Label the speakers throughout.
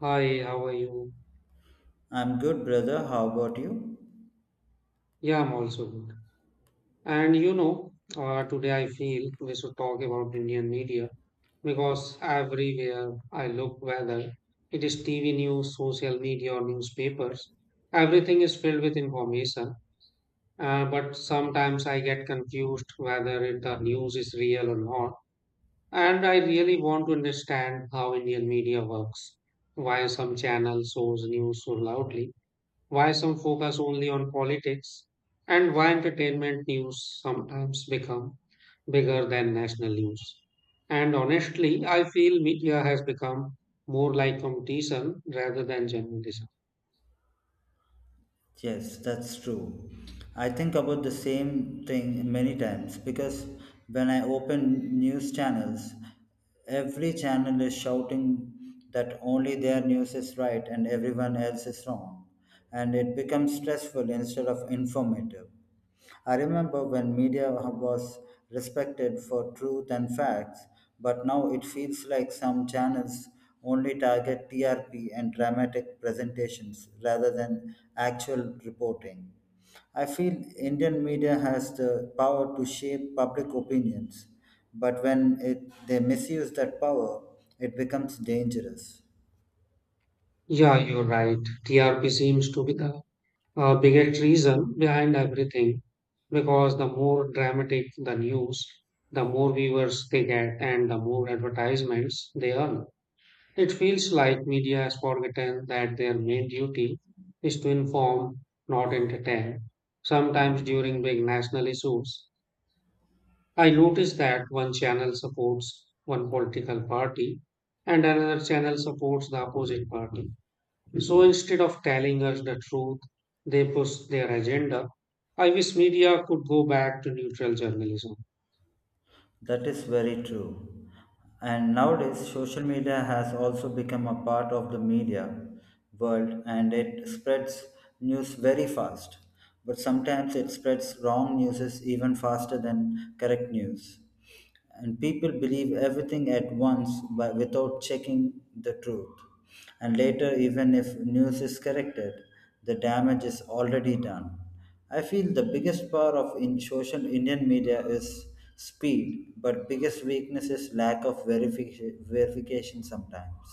Speaker 1: Hi, how are you?
Speaker 2: I'm good, brother. How about you?
Speaker 1: Yeah, I'm also good. Today I feel we should talk about Indian media because everywhere I look, whether it is TV news, social media, or newspapers, everything is filled with information. But sometimes I get confused whether the news is real or not. And I really want to understand how Indian media works, why some channels shows news so loudly, why some focus only on politics, and why entertainment news sometimes become bigger than national news. And honestly, I feel media has become more like competition rather than journalism.
Speaker 2: Yes, that's true. I think about the same thing many times because when I open news channels, every channel is shouting that only their news is right and everyone else is wrong. And it becomes stressful instead of informative. I remember when media was respected for truth and facts, but now it feels like some channels only target TRP and dramatic presentations rather than actual reporting. I feel Indian media has the power to shape public opinions, but they misuse that power, it becomes dangerous.
Speaker 1: Yeah, you're right. TRP seems to be the biggest reason behind everything, because the more dramatic the news, the more viewers they get and the more advertisements they earn. It feels like media has forgotten that their main duty is to inform, not entertain. Sometimes during big national issues, I notice that one channel supports one political party and another channel supports the opposite party. So instead of telling us the truth, they push their agenda. I wish media could go back to neutral journalism.
Speaker 2: That is very true. And nowadays, social media has also become a part of the media world, and it spreads news very fast. But sometimes it spreads wrong news even faster than correct news, and people believe everything at once without checking the truth. And later, even if news is corrected, the damage is already done. I feel the biggest power of in social Indian media is speed, but biggest weakness is lack of verification sometimes.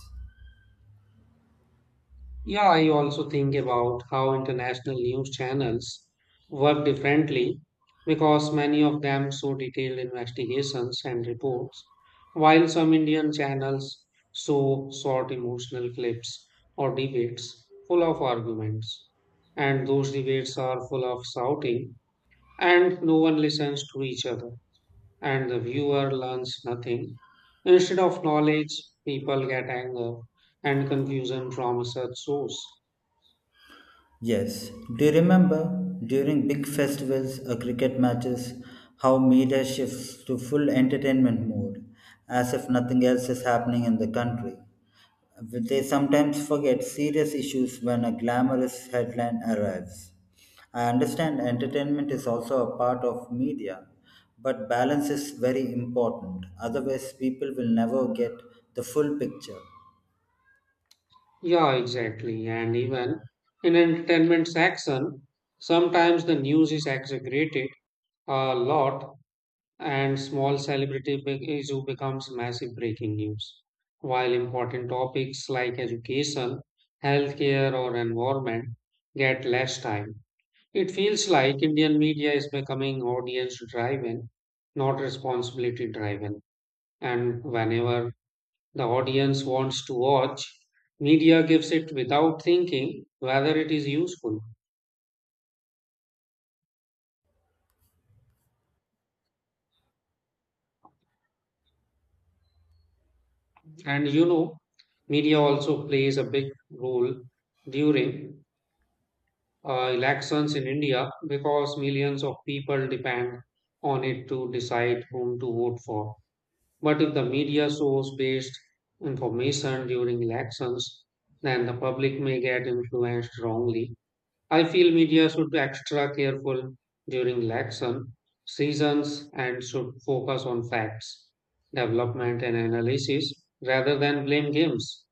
Speaker 1: Yeah, I also think about how international news channels work differently, because many of them show detailed investigations and reports, while some Indian channels show short emotional clips or debates full of arguments. And those debates are full of shouting, and no one listens to each other, and the viewer learns nothing. Instead of knowledge, people get anger and confusion from such source.
Speaker 2: Yes. Do you remember during big festivals or cricket matches how media shifts to full entertainment mode as if nothing else is happening in the country? They sometimes forget serious issues when a glamorous headline arrives. I understand entertainment is also a part of media, but balance is very important. Otherwise, people will never get the full picture.
Speaker 1: Yeah, exactly. And even in entertainment section, sometimes the news is exaggerated a lot and small celebrity big issue becomes massive breaking news. While important topics like education, healthcare, or environment get less time. It feels like Indian media is becoming audience driven, not responsibility driven. And whenever the audience wants to watch. Media gives it without thinking whether it is useful. And you know, media also plays a big role during elections in India, because millions of people depend on it to decide whom to vote for. But if the media source based information during elections, then the public may get influenced wrongly. I feel media should be extra careful during election seasons and should focus on facts, development, and analysis rather than blame games.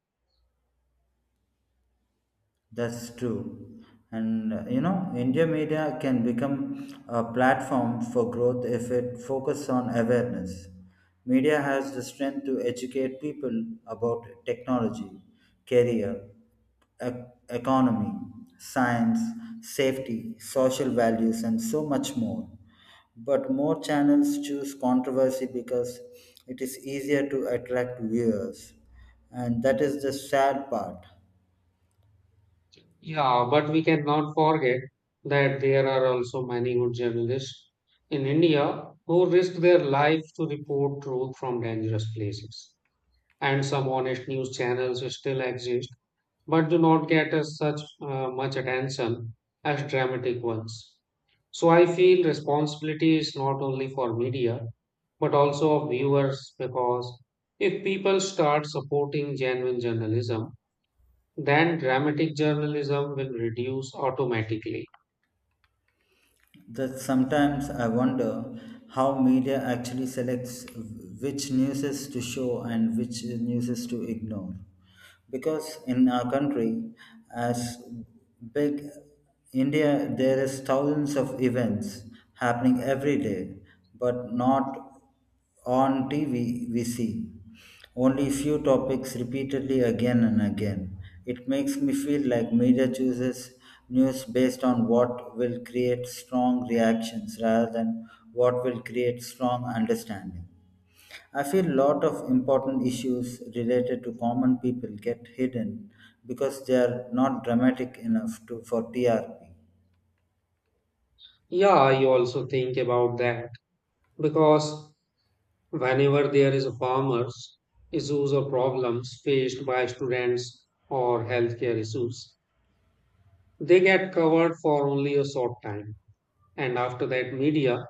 Speaker 2: That's true. And you know, India media can become a platform for growth if it focuses on awareness. Media has the strength to educate people about technology, career, e- economy, science, safety, social values, and so much more. But more channels choose controversy because it is easier to attract viewers. And that is the sad part.
Speaker 1: Yeah, but we cannot forget that there are also many good journalists in India who risk their life to report truth from dangerous places. And some honest news channels still exist but do not get as such much attention as dramatic ones. So I feel responsibility is not only for media but also of viewers, because if people start supporting genuine journalism, then dramatic journalism will reduce automatically.
Speaker 2: That sometimes I wonder how media actually selects which newses to show and which newses to ignore. Because in our country, as big India, there is thousands of events happening every day, but not on TV, we see only few topics repeatedly again and again. It makes me feel like media chooses news based on what will create strong reactions rather than what will create strong understanding. I feel a lot of important issues related to common people get hidden because they are not dramatic enough for TRP.
Speaker 1: Yeah, I also think about that because whenever there is a farmers issues or problems faced by students or healthcare issues, they get covered for only a short time, and after that, media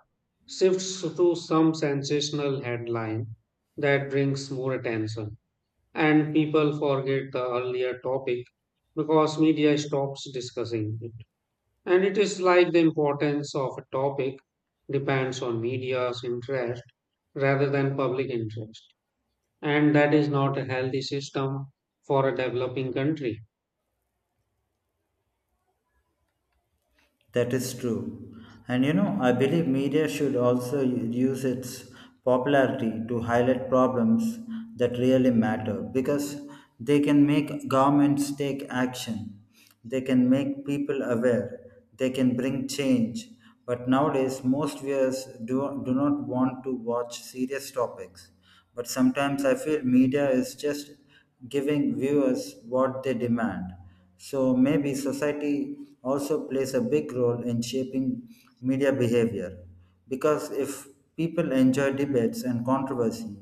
Speaker 1: shifts to some sensational headline that brings more attention, and people forget the earlier topic because media stops discussing it. And it is like the importance of a topic depends on media's interest rather than public interest, and that is not a healthy system for a developing country.
Speaker 2: That is true. And you know, I believe media should also use its popularity to highlight problems that really matter because they can make governments take action, they can make people aware, they can bring change. But nowadays, most viewers do not want to watch serious topics. But sometimes I feel media is just giving viewers what they demand, so maybe society also plays a big role in shaping media behavior. Because if people enjoy debates and controversy,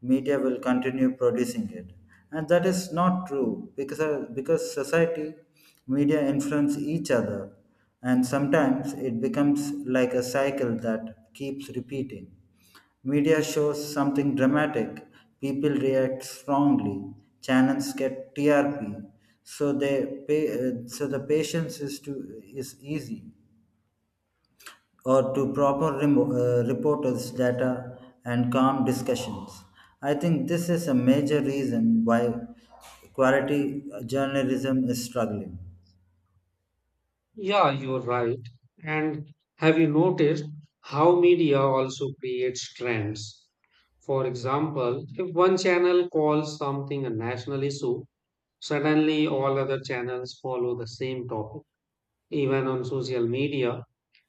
Speaker 2: media will continue producing it. And that is not true because society, media influence each other. And sometimes it becomes like a cycle that keeps repeating. Media shows something dramatic, people react strongly, channels get TRP, so they pay, so the patience is to is easy or to proper reporters data and calm discussions. I think this is a major reason why quality journalism is struggling.
Speaker 1: Yeah, you're right. And have you noticed how media also creates trends? For example, if one channel calls something a national issue, suddenly all other channels follow the same topic. Even on social media,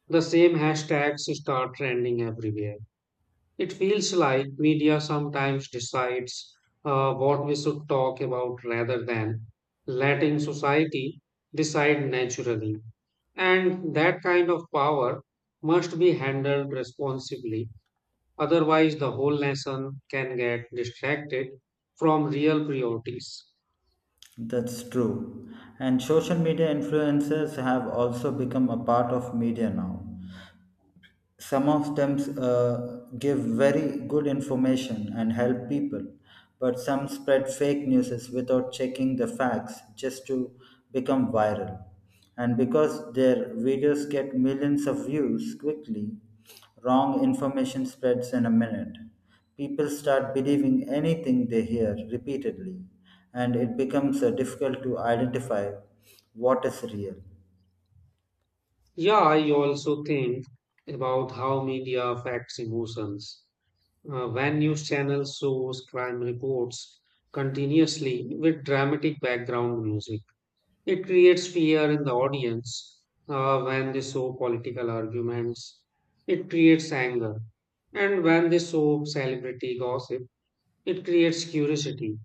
Speaker 1: the same hashtags start trending everywhere. It feels like media sometimes decides what we should talk about rather than letting society decide naturally. And that kind of power must be handled responsibly. Otherwise, the whole nation can get distracted from real priorities.
Speaker 2: That's true. And social media influencers have also become a part of media now. Some of them give very good information and help people, but some spread fake news without checking the facts just to become viral. And because their videos get millions of views quickly, wrong information spreads in a minute. People start believing anything they hear repeatedly, and it becomes difficult to identify what is real.
Speaker 1: Yeah, I also think about how media affects emotions. When news channels shows crime reports continuously with dramatic background music. It creates fear in the audience when they show political arguments. It creates anger. And when they show celebrity gossip, it creates curiosity.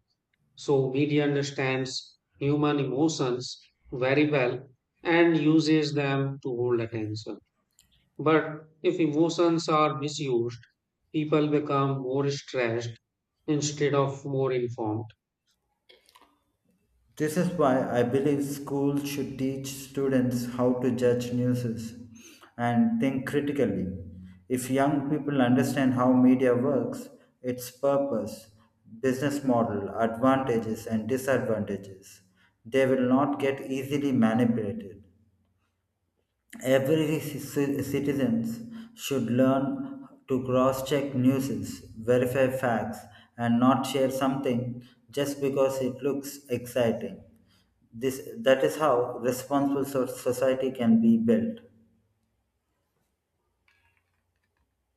Speaker 1: So, media understands human emotions very well and uses them to hold attention. But if emotions are misused, people become more stressed instead of more informed.
Speaker 2: This is why I believe schools should teach students how to judge news and think critically. If young people understand how media works, its purpose, business model, advantages, and disadvantages, they will not get easily manipulated. Every citizens should learn to cross-check news, verify facts, and not share something just because it looks exciting. This that is how responsible society can be built.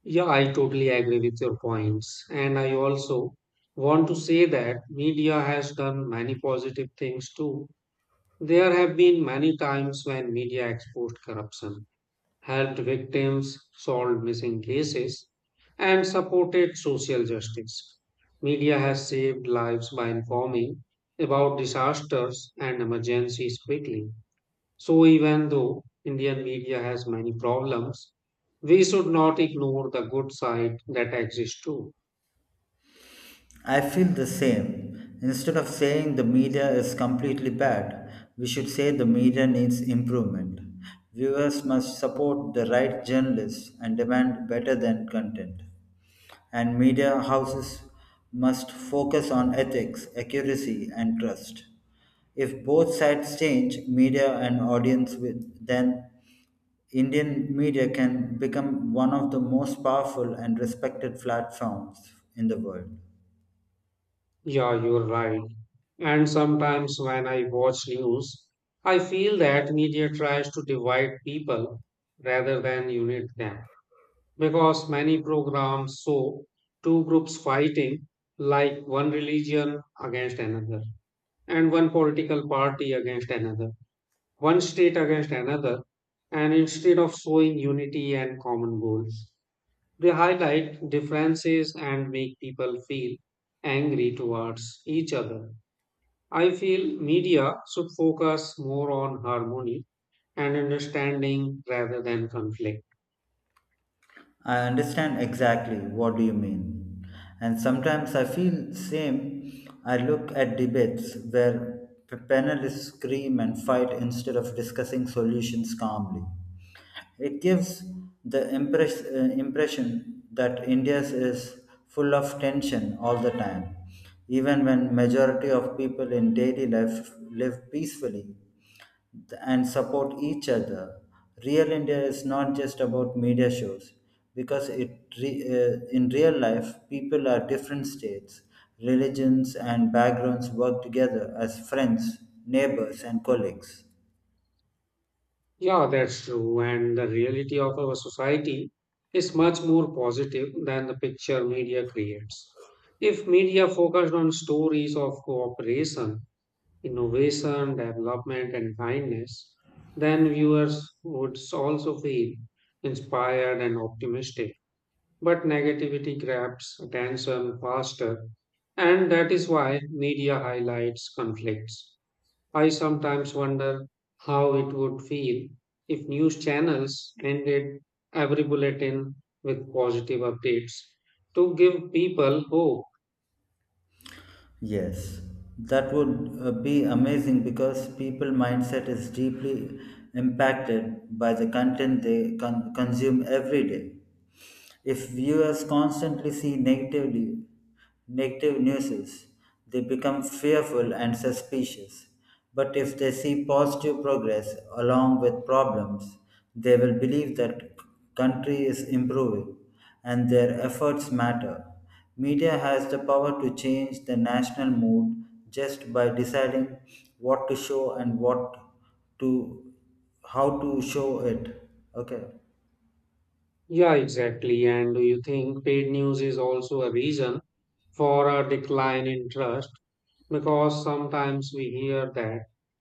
Speaker 1: Yeah, I totally agree with your points. And I also want to say that media has done many positive things too. There have been many times when media exposed corruption, helped victims, solved missing cases, and supported social justice. Media has saved lives by informing about disasters and emergencies quickly. So, even though Indian media has many problems, we should not ignore the good side that exists too.
Speaker 2: I feel the same. Instead of saying the media is completely bad, we should say the media needs improvement. Viewers must support the right journalists and demand better than content. And media houses must focus on ethics, accuracy, and trust. If both sides change, media and audience, with, then Indian media can become one of the most powerful and respected platforms in the world.
Speaker 1: Yeah, you're right. And sometimes when I watch news, I feel that media tries to divide people rather than unite them, because many programs show two groups fighting, like one religion against another, and one political party against another, one state against another, and instead of showing unity and common goals, they highlight differences and make people feel angry towards each other. I feel media should focus more on harmony and understanding rather than conflict.
Speaker 2: I understand exactly what do you mean. And sometimes I feel same. I look at debates where panelists scream and fight instead of discussing solutions calmly. It gives the impression that India is full of tension all the time, even when majority of people in daily life live peacefully and support each other. Real India is not just about media shows because in real life people are different states, religions, and backgrounds work together as friends, neighbors, and colleagues.
Speaker 1: Yeah, that's true. And the reality of our society is much more positive than the picture media creates. If media focused on stories of cooperation, innovation, development, and kindness, then viewers would also feel inspired and optimistic. But negativity grabs attention faster, and that is why media highlights conflicts. I sometimes wonder how it would feel if news channels ended every bulletin with positive updates to give people hope.
Speaker 2: Yes, that would be amazing because people mindset is deeply impacted by the content they consume every day. If viewers constantly see negative news, they become fearful and suspicious. But if they see positive progress along with problems, they will believe that country is improving and their efforts matter. Media has the power to change the national mood just by deciding what to show and what to how to show it. Okay.
Speaker 1: Yeah, exactly. And do you think paid news is also a reason for a decline in trust? Because sometimes we hear that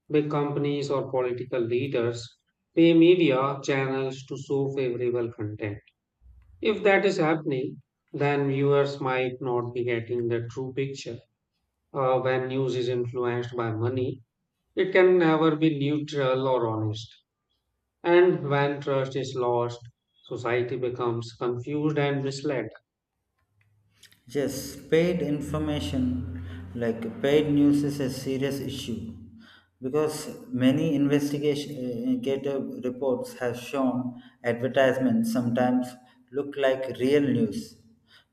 Speaker 1: big companies or political leaders pay media channels to show favorable content. If that is happening, then viewers might not be getting the true picture. When news is influenced by money, it can never be neutral or honest. And when trust is lost, society becomes confused and misled.
Speaker 2: Yes, paid information like paid news is a serious issue because many investigator reports have shown advertisements sometimes look like real news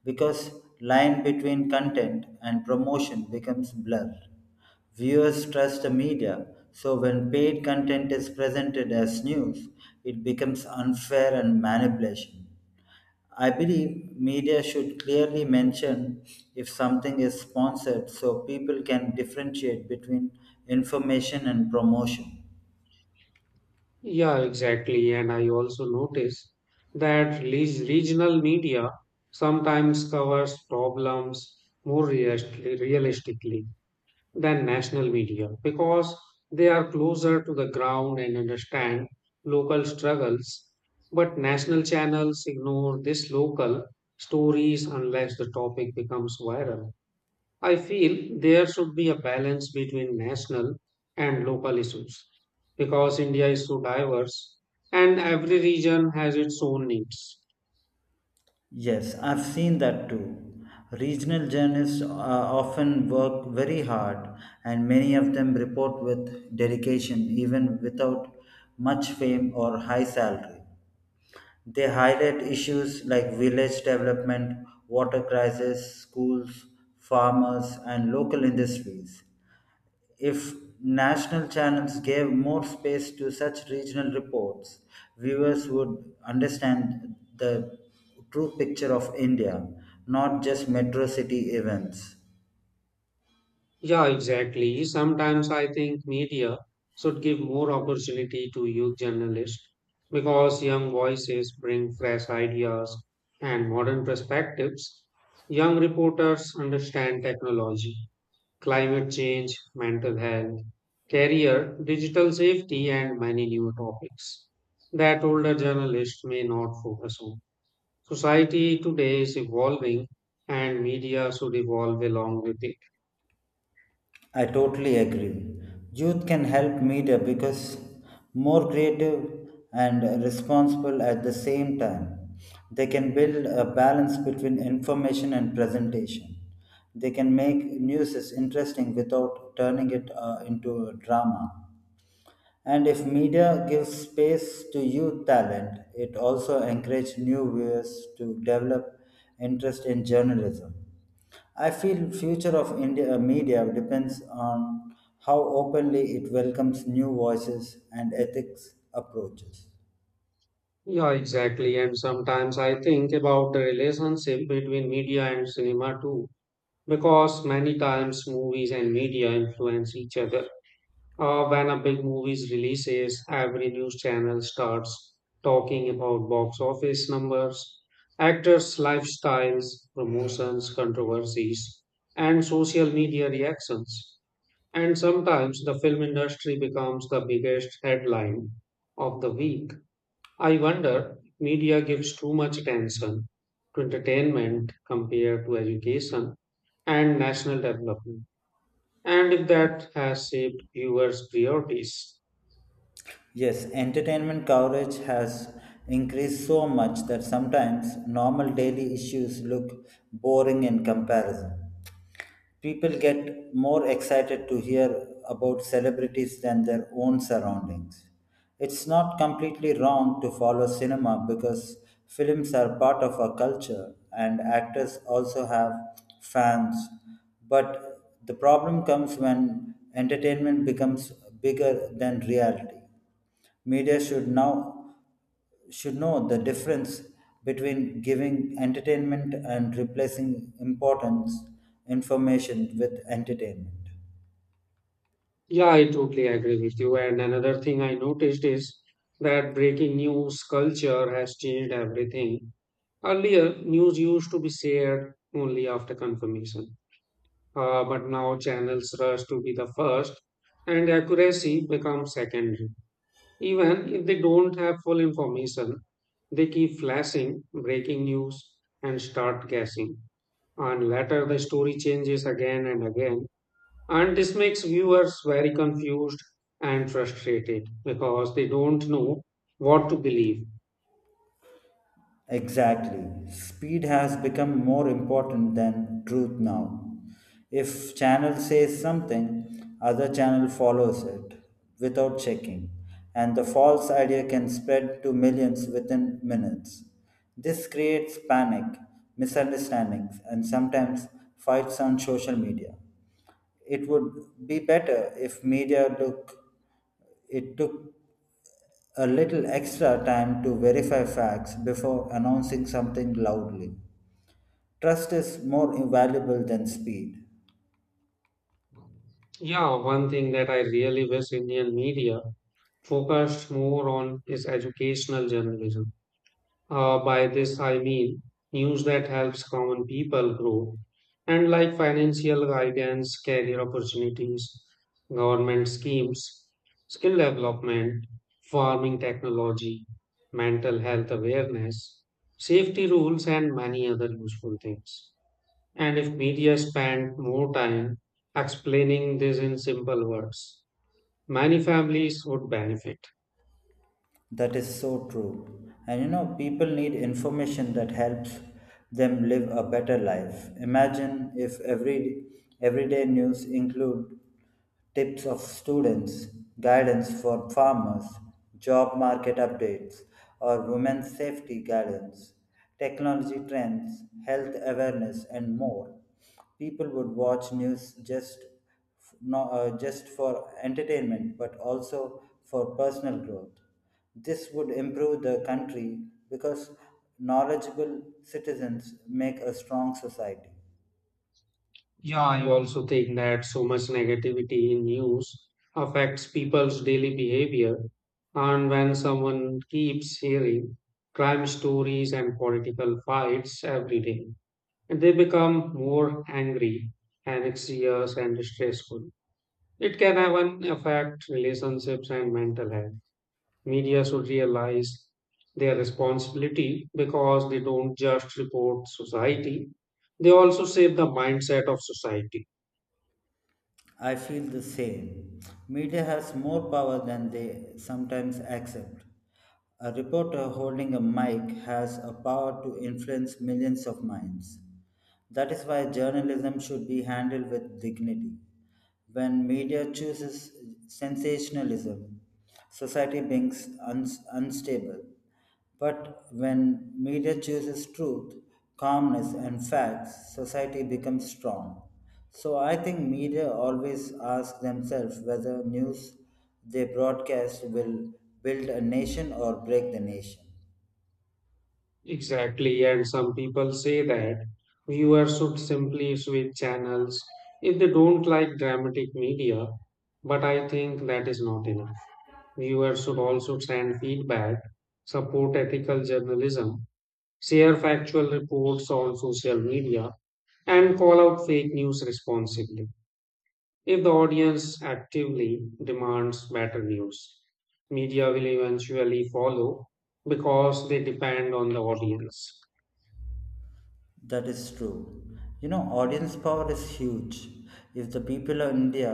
Speaker 2: because line between content and promotion becomes blurred. Viewers trust the media, so when paid content is presented as news, it becomes unfair and manipulation. I believe media should clearly mention if something is sponsored so people can differentiate between information and promotion.
Speaker 1: Yeah, exactly. And I also notice that regional media sometimes covers problems realistically than national media, because they are closer to the ground and understand local struggles. But national channels ignore these local stories unless the topic becomes viral. I feel there should be a balance between national and local issues, because India is so diverse and every region has its own needs.
Speaker 2: Yes, I've seen that too. Regional journalists often work very hard, and many of them report with dedication, even without much fame or high salary. They highlight issues like village development, water crisis, schools, farmers, and local industries. If national channels gave more space to such regional reports, viewers would understand the true picture of India, not just metro city events.
Speaker 1: Yeah, exactly. Sometimes I think media should give more opportunity to youth journalists, because young voices bring fresh ideas and modern perspectives. Young reporters understand technology, climate change, mental health, career, digital safety, and many new topics that older journalists may not focus on. Society today is evolving, and media should evolve along with it.
Speaker 2: I totally agree. Youth can help media because more creative and responsible at the same time. They can build a balance between information and presentation. They can make news is interesting without turning it into a drama. And if media gives space to youth talent, it also encourages new viewers to develop interest in journalism. I feel future of India media depends on how openly it welcomes new voices and ethics approaches.
Speaker 1: Yeah, exactly. And sometimes I think about the relationship between media and cinema too, because many times movies and media influence each other. When a big movie releases, every news channel starts talking about box office numbers, actors' lifestyles, promotions, controversies, and social media reactions. And sometimes the film industry becomes the biggest headline of the week. I wonder if media gives too much attention to entertainment compared to education and national development, and if that has shaped viewers' priorities.
Speaker 2: Yes, entertainment coverage has increased so much that sometimes normal daily issues look boring in comparison. People get more excited to hear about celebrities than their own surroundings. It's not completely wrong to follow cinema because films are part of our culture and actors also have fans. But the problem comes when entertainment becomes bigger than reality. Media should now should know the difference between giving entertainment and replacing importance information with entertainment.
Speaker 1: Yeah, I totally agree with you. And another thing I noticed is that breaking news culture has changed everything. Earlier, news used to be shared only after confirmation, but now channels rush to be the first, and accuracy becomes secondary. Even if they don't have full information, they keep flashing breaking news and start guessing. And later the story changes again and again. And this makes viewers very confused and frustrated because they don't know what to believe.
Speaker 2: Exactly. Speed has become more important than truth now. If channel says something, other channel follows it without checking, and the false idea can spread to millions within minutes. This creates panic, misunderstandings, and sometimes fights on social media. It would be better if media took a little extra time to verify facts before announcing something loudly. Trust is more valuable than speed.
Speaker 1: Yeah, one thing that I really wish Indian media focused more on is educational journalism. By this, I mean news that helps common people grow, and like financial guidance, career opportunities, government schemes, skill development, farming technology, mental health awareness, safety rules, and many other useful things. And if media spent more time explaining this in simple words, many families would benefit.
Speaker 2: That is so true. And you know, people need information that helps them live a better life. Imagine if everyday news include tips of students, guidance for farmers, job market updates, or women's safety guidance, technology trends, health awareness, and more. People would watch news just f- no, just for entertainment, but also for personal growth. This would improve the country because knowledgeable citizens make a strong society.
Speaker 1: Yeah, I also think that so much negativity in news affects people's daily behavior. And when someone keeps hearing crime stories and political fights every day, they become more angry, anxious, and stressful. It can even affect relationships and mental health. Media should realize their responsibility, because they don't just report society, they also shape the mindset of society.
Speaker 2: I feel the same. Media has more power than they sometimes accept. A reporter holding a mic has a power to influence millions of minds. That is why journalism should be handled with dignity. When media chooses sensationalism, society becomes unstable. But when media chooses truth, calmness, and facts, society becomes strong. So I think media always ask themselves whether news they broadcast will build a nation or break the nation.
Speaker 1: Exactly, and some people say that viewers should simply switch channels if they don't like dramatic media, but I think that is not enough. Viewers should also send feedback, support ethical journalism, share factual reports on social media, and call out fake news responsibly. If the audience actively demands better news, media will eventually follow because they depend on the audience.
Speaker 2: That is true. You know, audience power is huge. If the people of India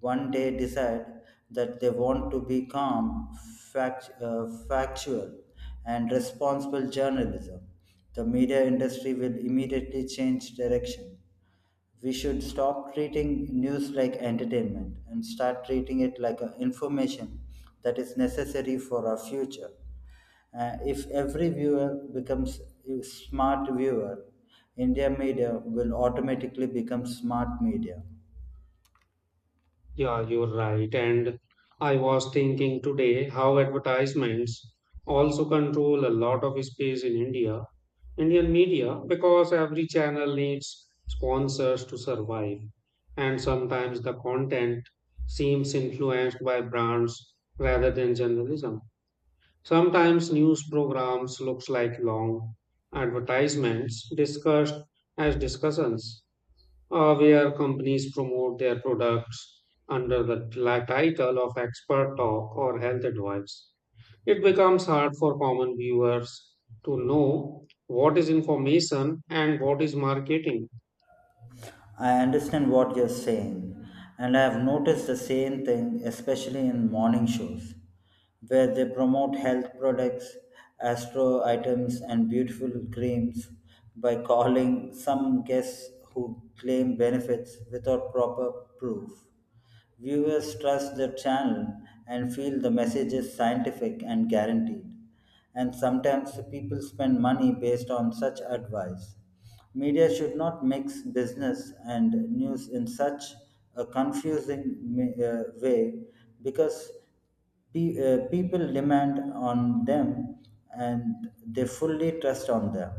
Speaker 2: one day decide that they want to be calm, factual, and responsible journalism, the media industry will immediately change direction. We should stop treating news like entertainment and start treating it like a information that is necessary for our future. If every viewer becomes a smart viewer, India media will automatically become smart media.
Speaker 1: Yeah, you're right. And I was thinking today how advertisements also control a lot of space in India, Indian media, because every channel needs sponsors to survive. And sometimes the content seems influenced by brands rather than journalism. Sometimes news programs looks like long advertisements discussed as discussions, where companies promote their products under the title of expert talk or health advice. It becomes hard for common viewers to know what is information and what is marketing.
Speaker 2: I understand what you're saying, and I have noticed the same thing, especially in morning shows, where they promote health products, astro items, and beautiful creams by calling some guests who claim benefits without proper proof. Viewers trust the channel and feel the message is scientific and guaranteed. And sometimes people spend money based on such advice. Media should not mix business and news in such a confusing way, because people demand on them and they fully trust on them.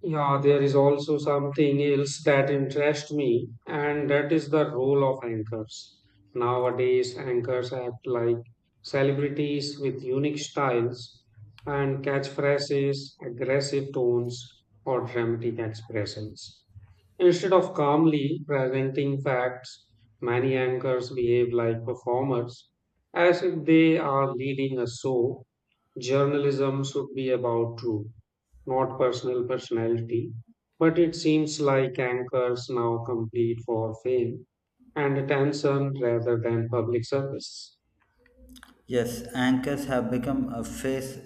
Speaker 1: Yeah, there is also something else that interests me, and that is the role of anchors. Nowadays, anchors act like celebrities with unique styles and catchphrases, aggressive tones, or dramatic expressions. Instead of calmly presenting facts, many anchors behave like performers, as if they are leading a show. Journalism should be about truth, not personal personality. But it seems like anchors now compete for fame and attention rather than public service.
Speaker 2: Yes, anchors have become a face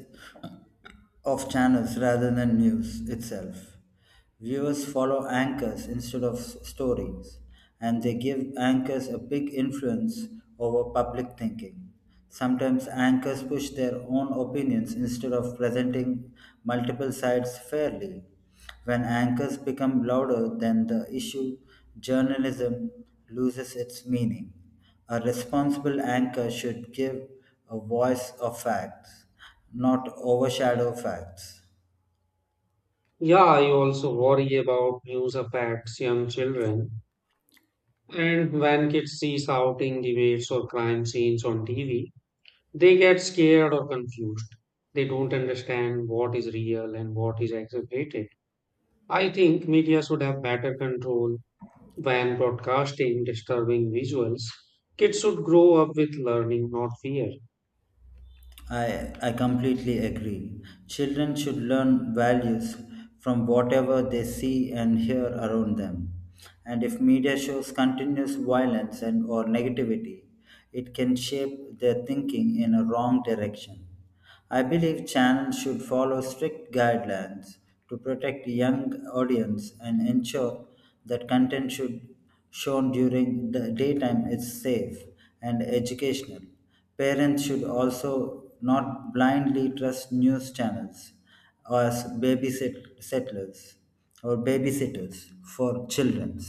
Speaker 2: of channels rather than news itself. Viewers follow anchors instead of stories, and they give anchors a big influence over public thinking. Sometimes anchors push their own opinions instead of presenting multiple sides fairly. When anchors become louder than the issue, journalism loses its meaning. A responsible anchor should give a voice of facts, not overshadow facts.
Speaker 1: Yeah, I also worry about news affects young children. And when kids see shouting debates or crime scenes on TV, they get scared or confused. They don't understand what is real and what is exaggerated. I think media should have better control. When broadcasting disturbing visuals, kids should grow up with learning, not fear.
Speaker 2: I completely agree. Children should learn values from whatever they see and hear around them. And if media shows continuous violence and or negativity, it can shape their thinking in a wrong direction. I believe channels should follow strict guidelines to protect young audience and ensure that content should shown during the daytime is safe and educational. Parents should also not blindly trust news channels as settlers or babysitters for children.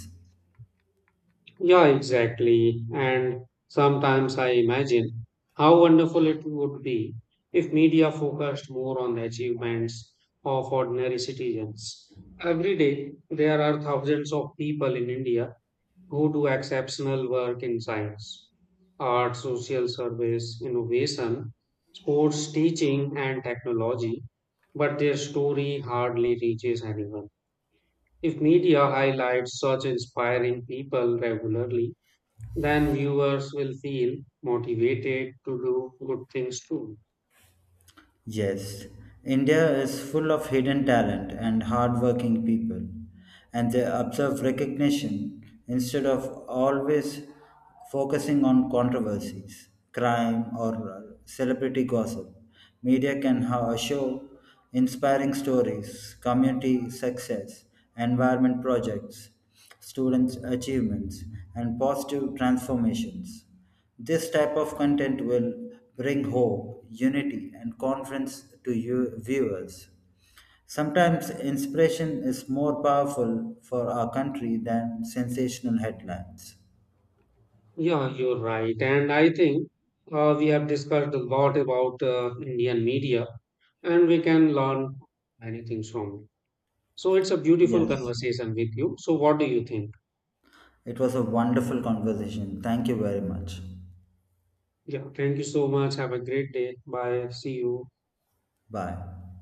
Speaker 1: Yeah, exactly. And sometimes I imagine how wonderful it would be if media focused more on the achievements of ordinary citizens. Every day, there are thousands of people in India who do exceptional work in science, art, social service, innovation, sports, teaching, and technology, but their story hardly reaches anyone. If media highlights such inspiring people regularly, then viewers will feel motivated to do good things too.
Speaker 2: Yes, India is full of hidden talent and hardworking people, and they observe recognition instead of always focusing on controversies, crime, or celebrity gossip. Media can show inspiring stories, community success, environment projects, students' achievements, and positive transformations. This type of content will bring hope, unity, and confidence to you viewers. Sometimes inspiration is more powerful for our country than sensational headlines.
Speaker 1: Yeah, you're right. And I think we have discussed a lot about Indian media, and we can learn many things from it. So it's a beautiful
Speaker 2: Yes,
Speaker 1: conversation with you. So what do you think?
Speaker 2: it was a wonderful conversation. Thank you very much.
Speaker 1: Yeah, thank you so much. Have a great day. Bye. See you.
Speaker 2: Bye.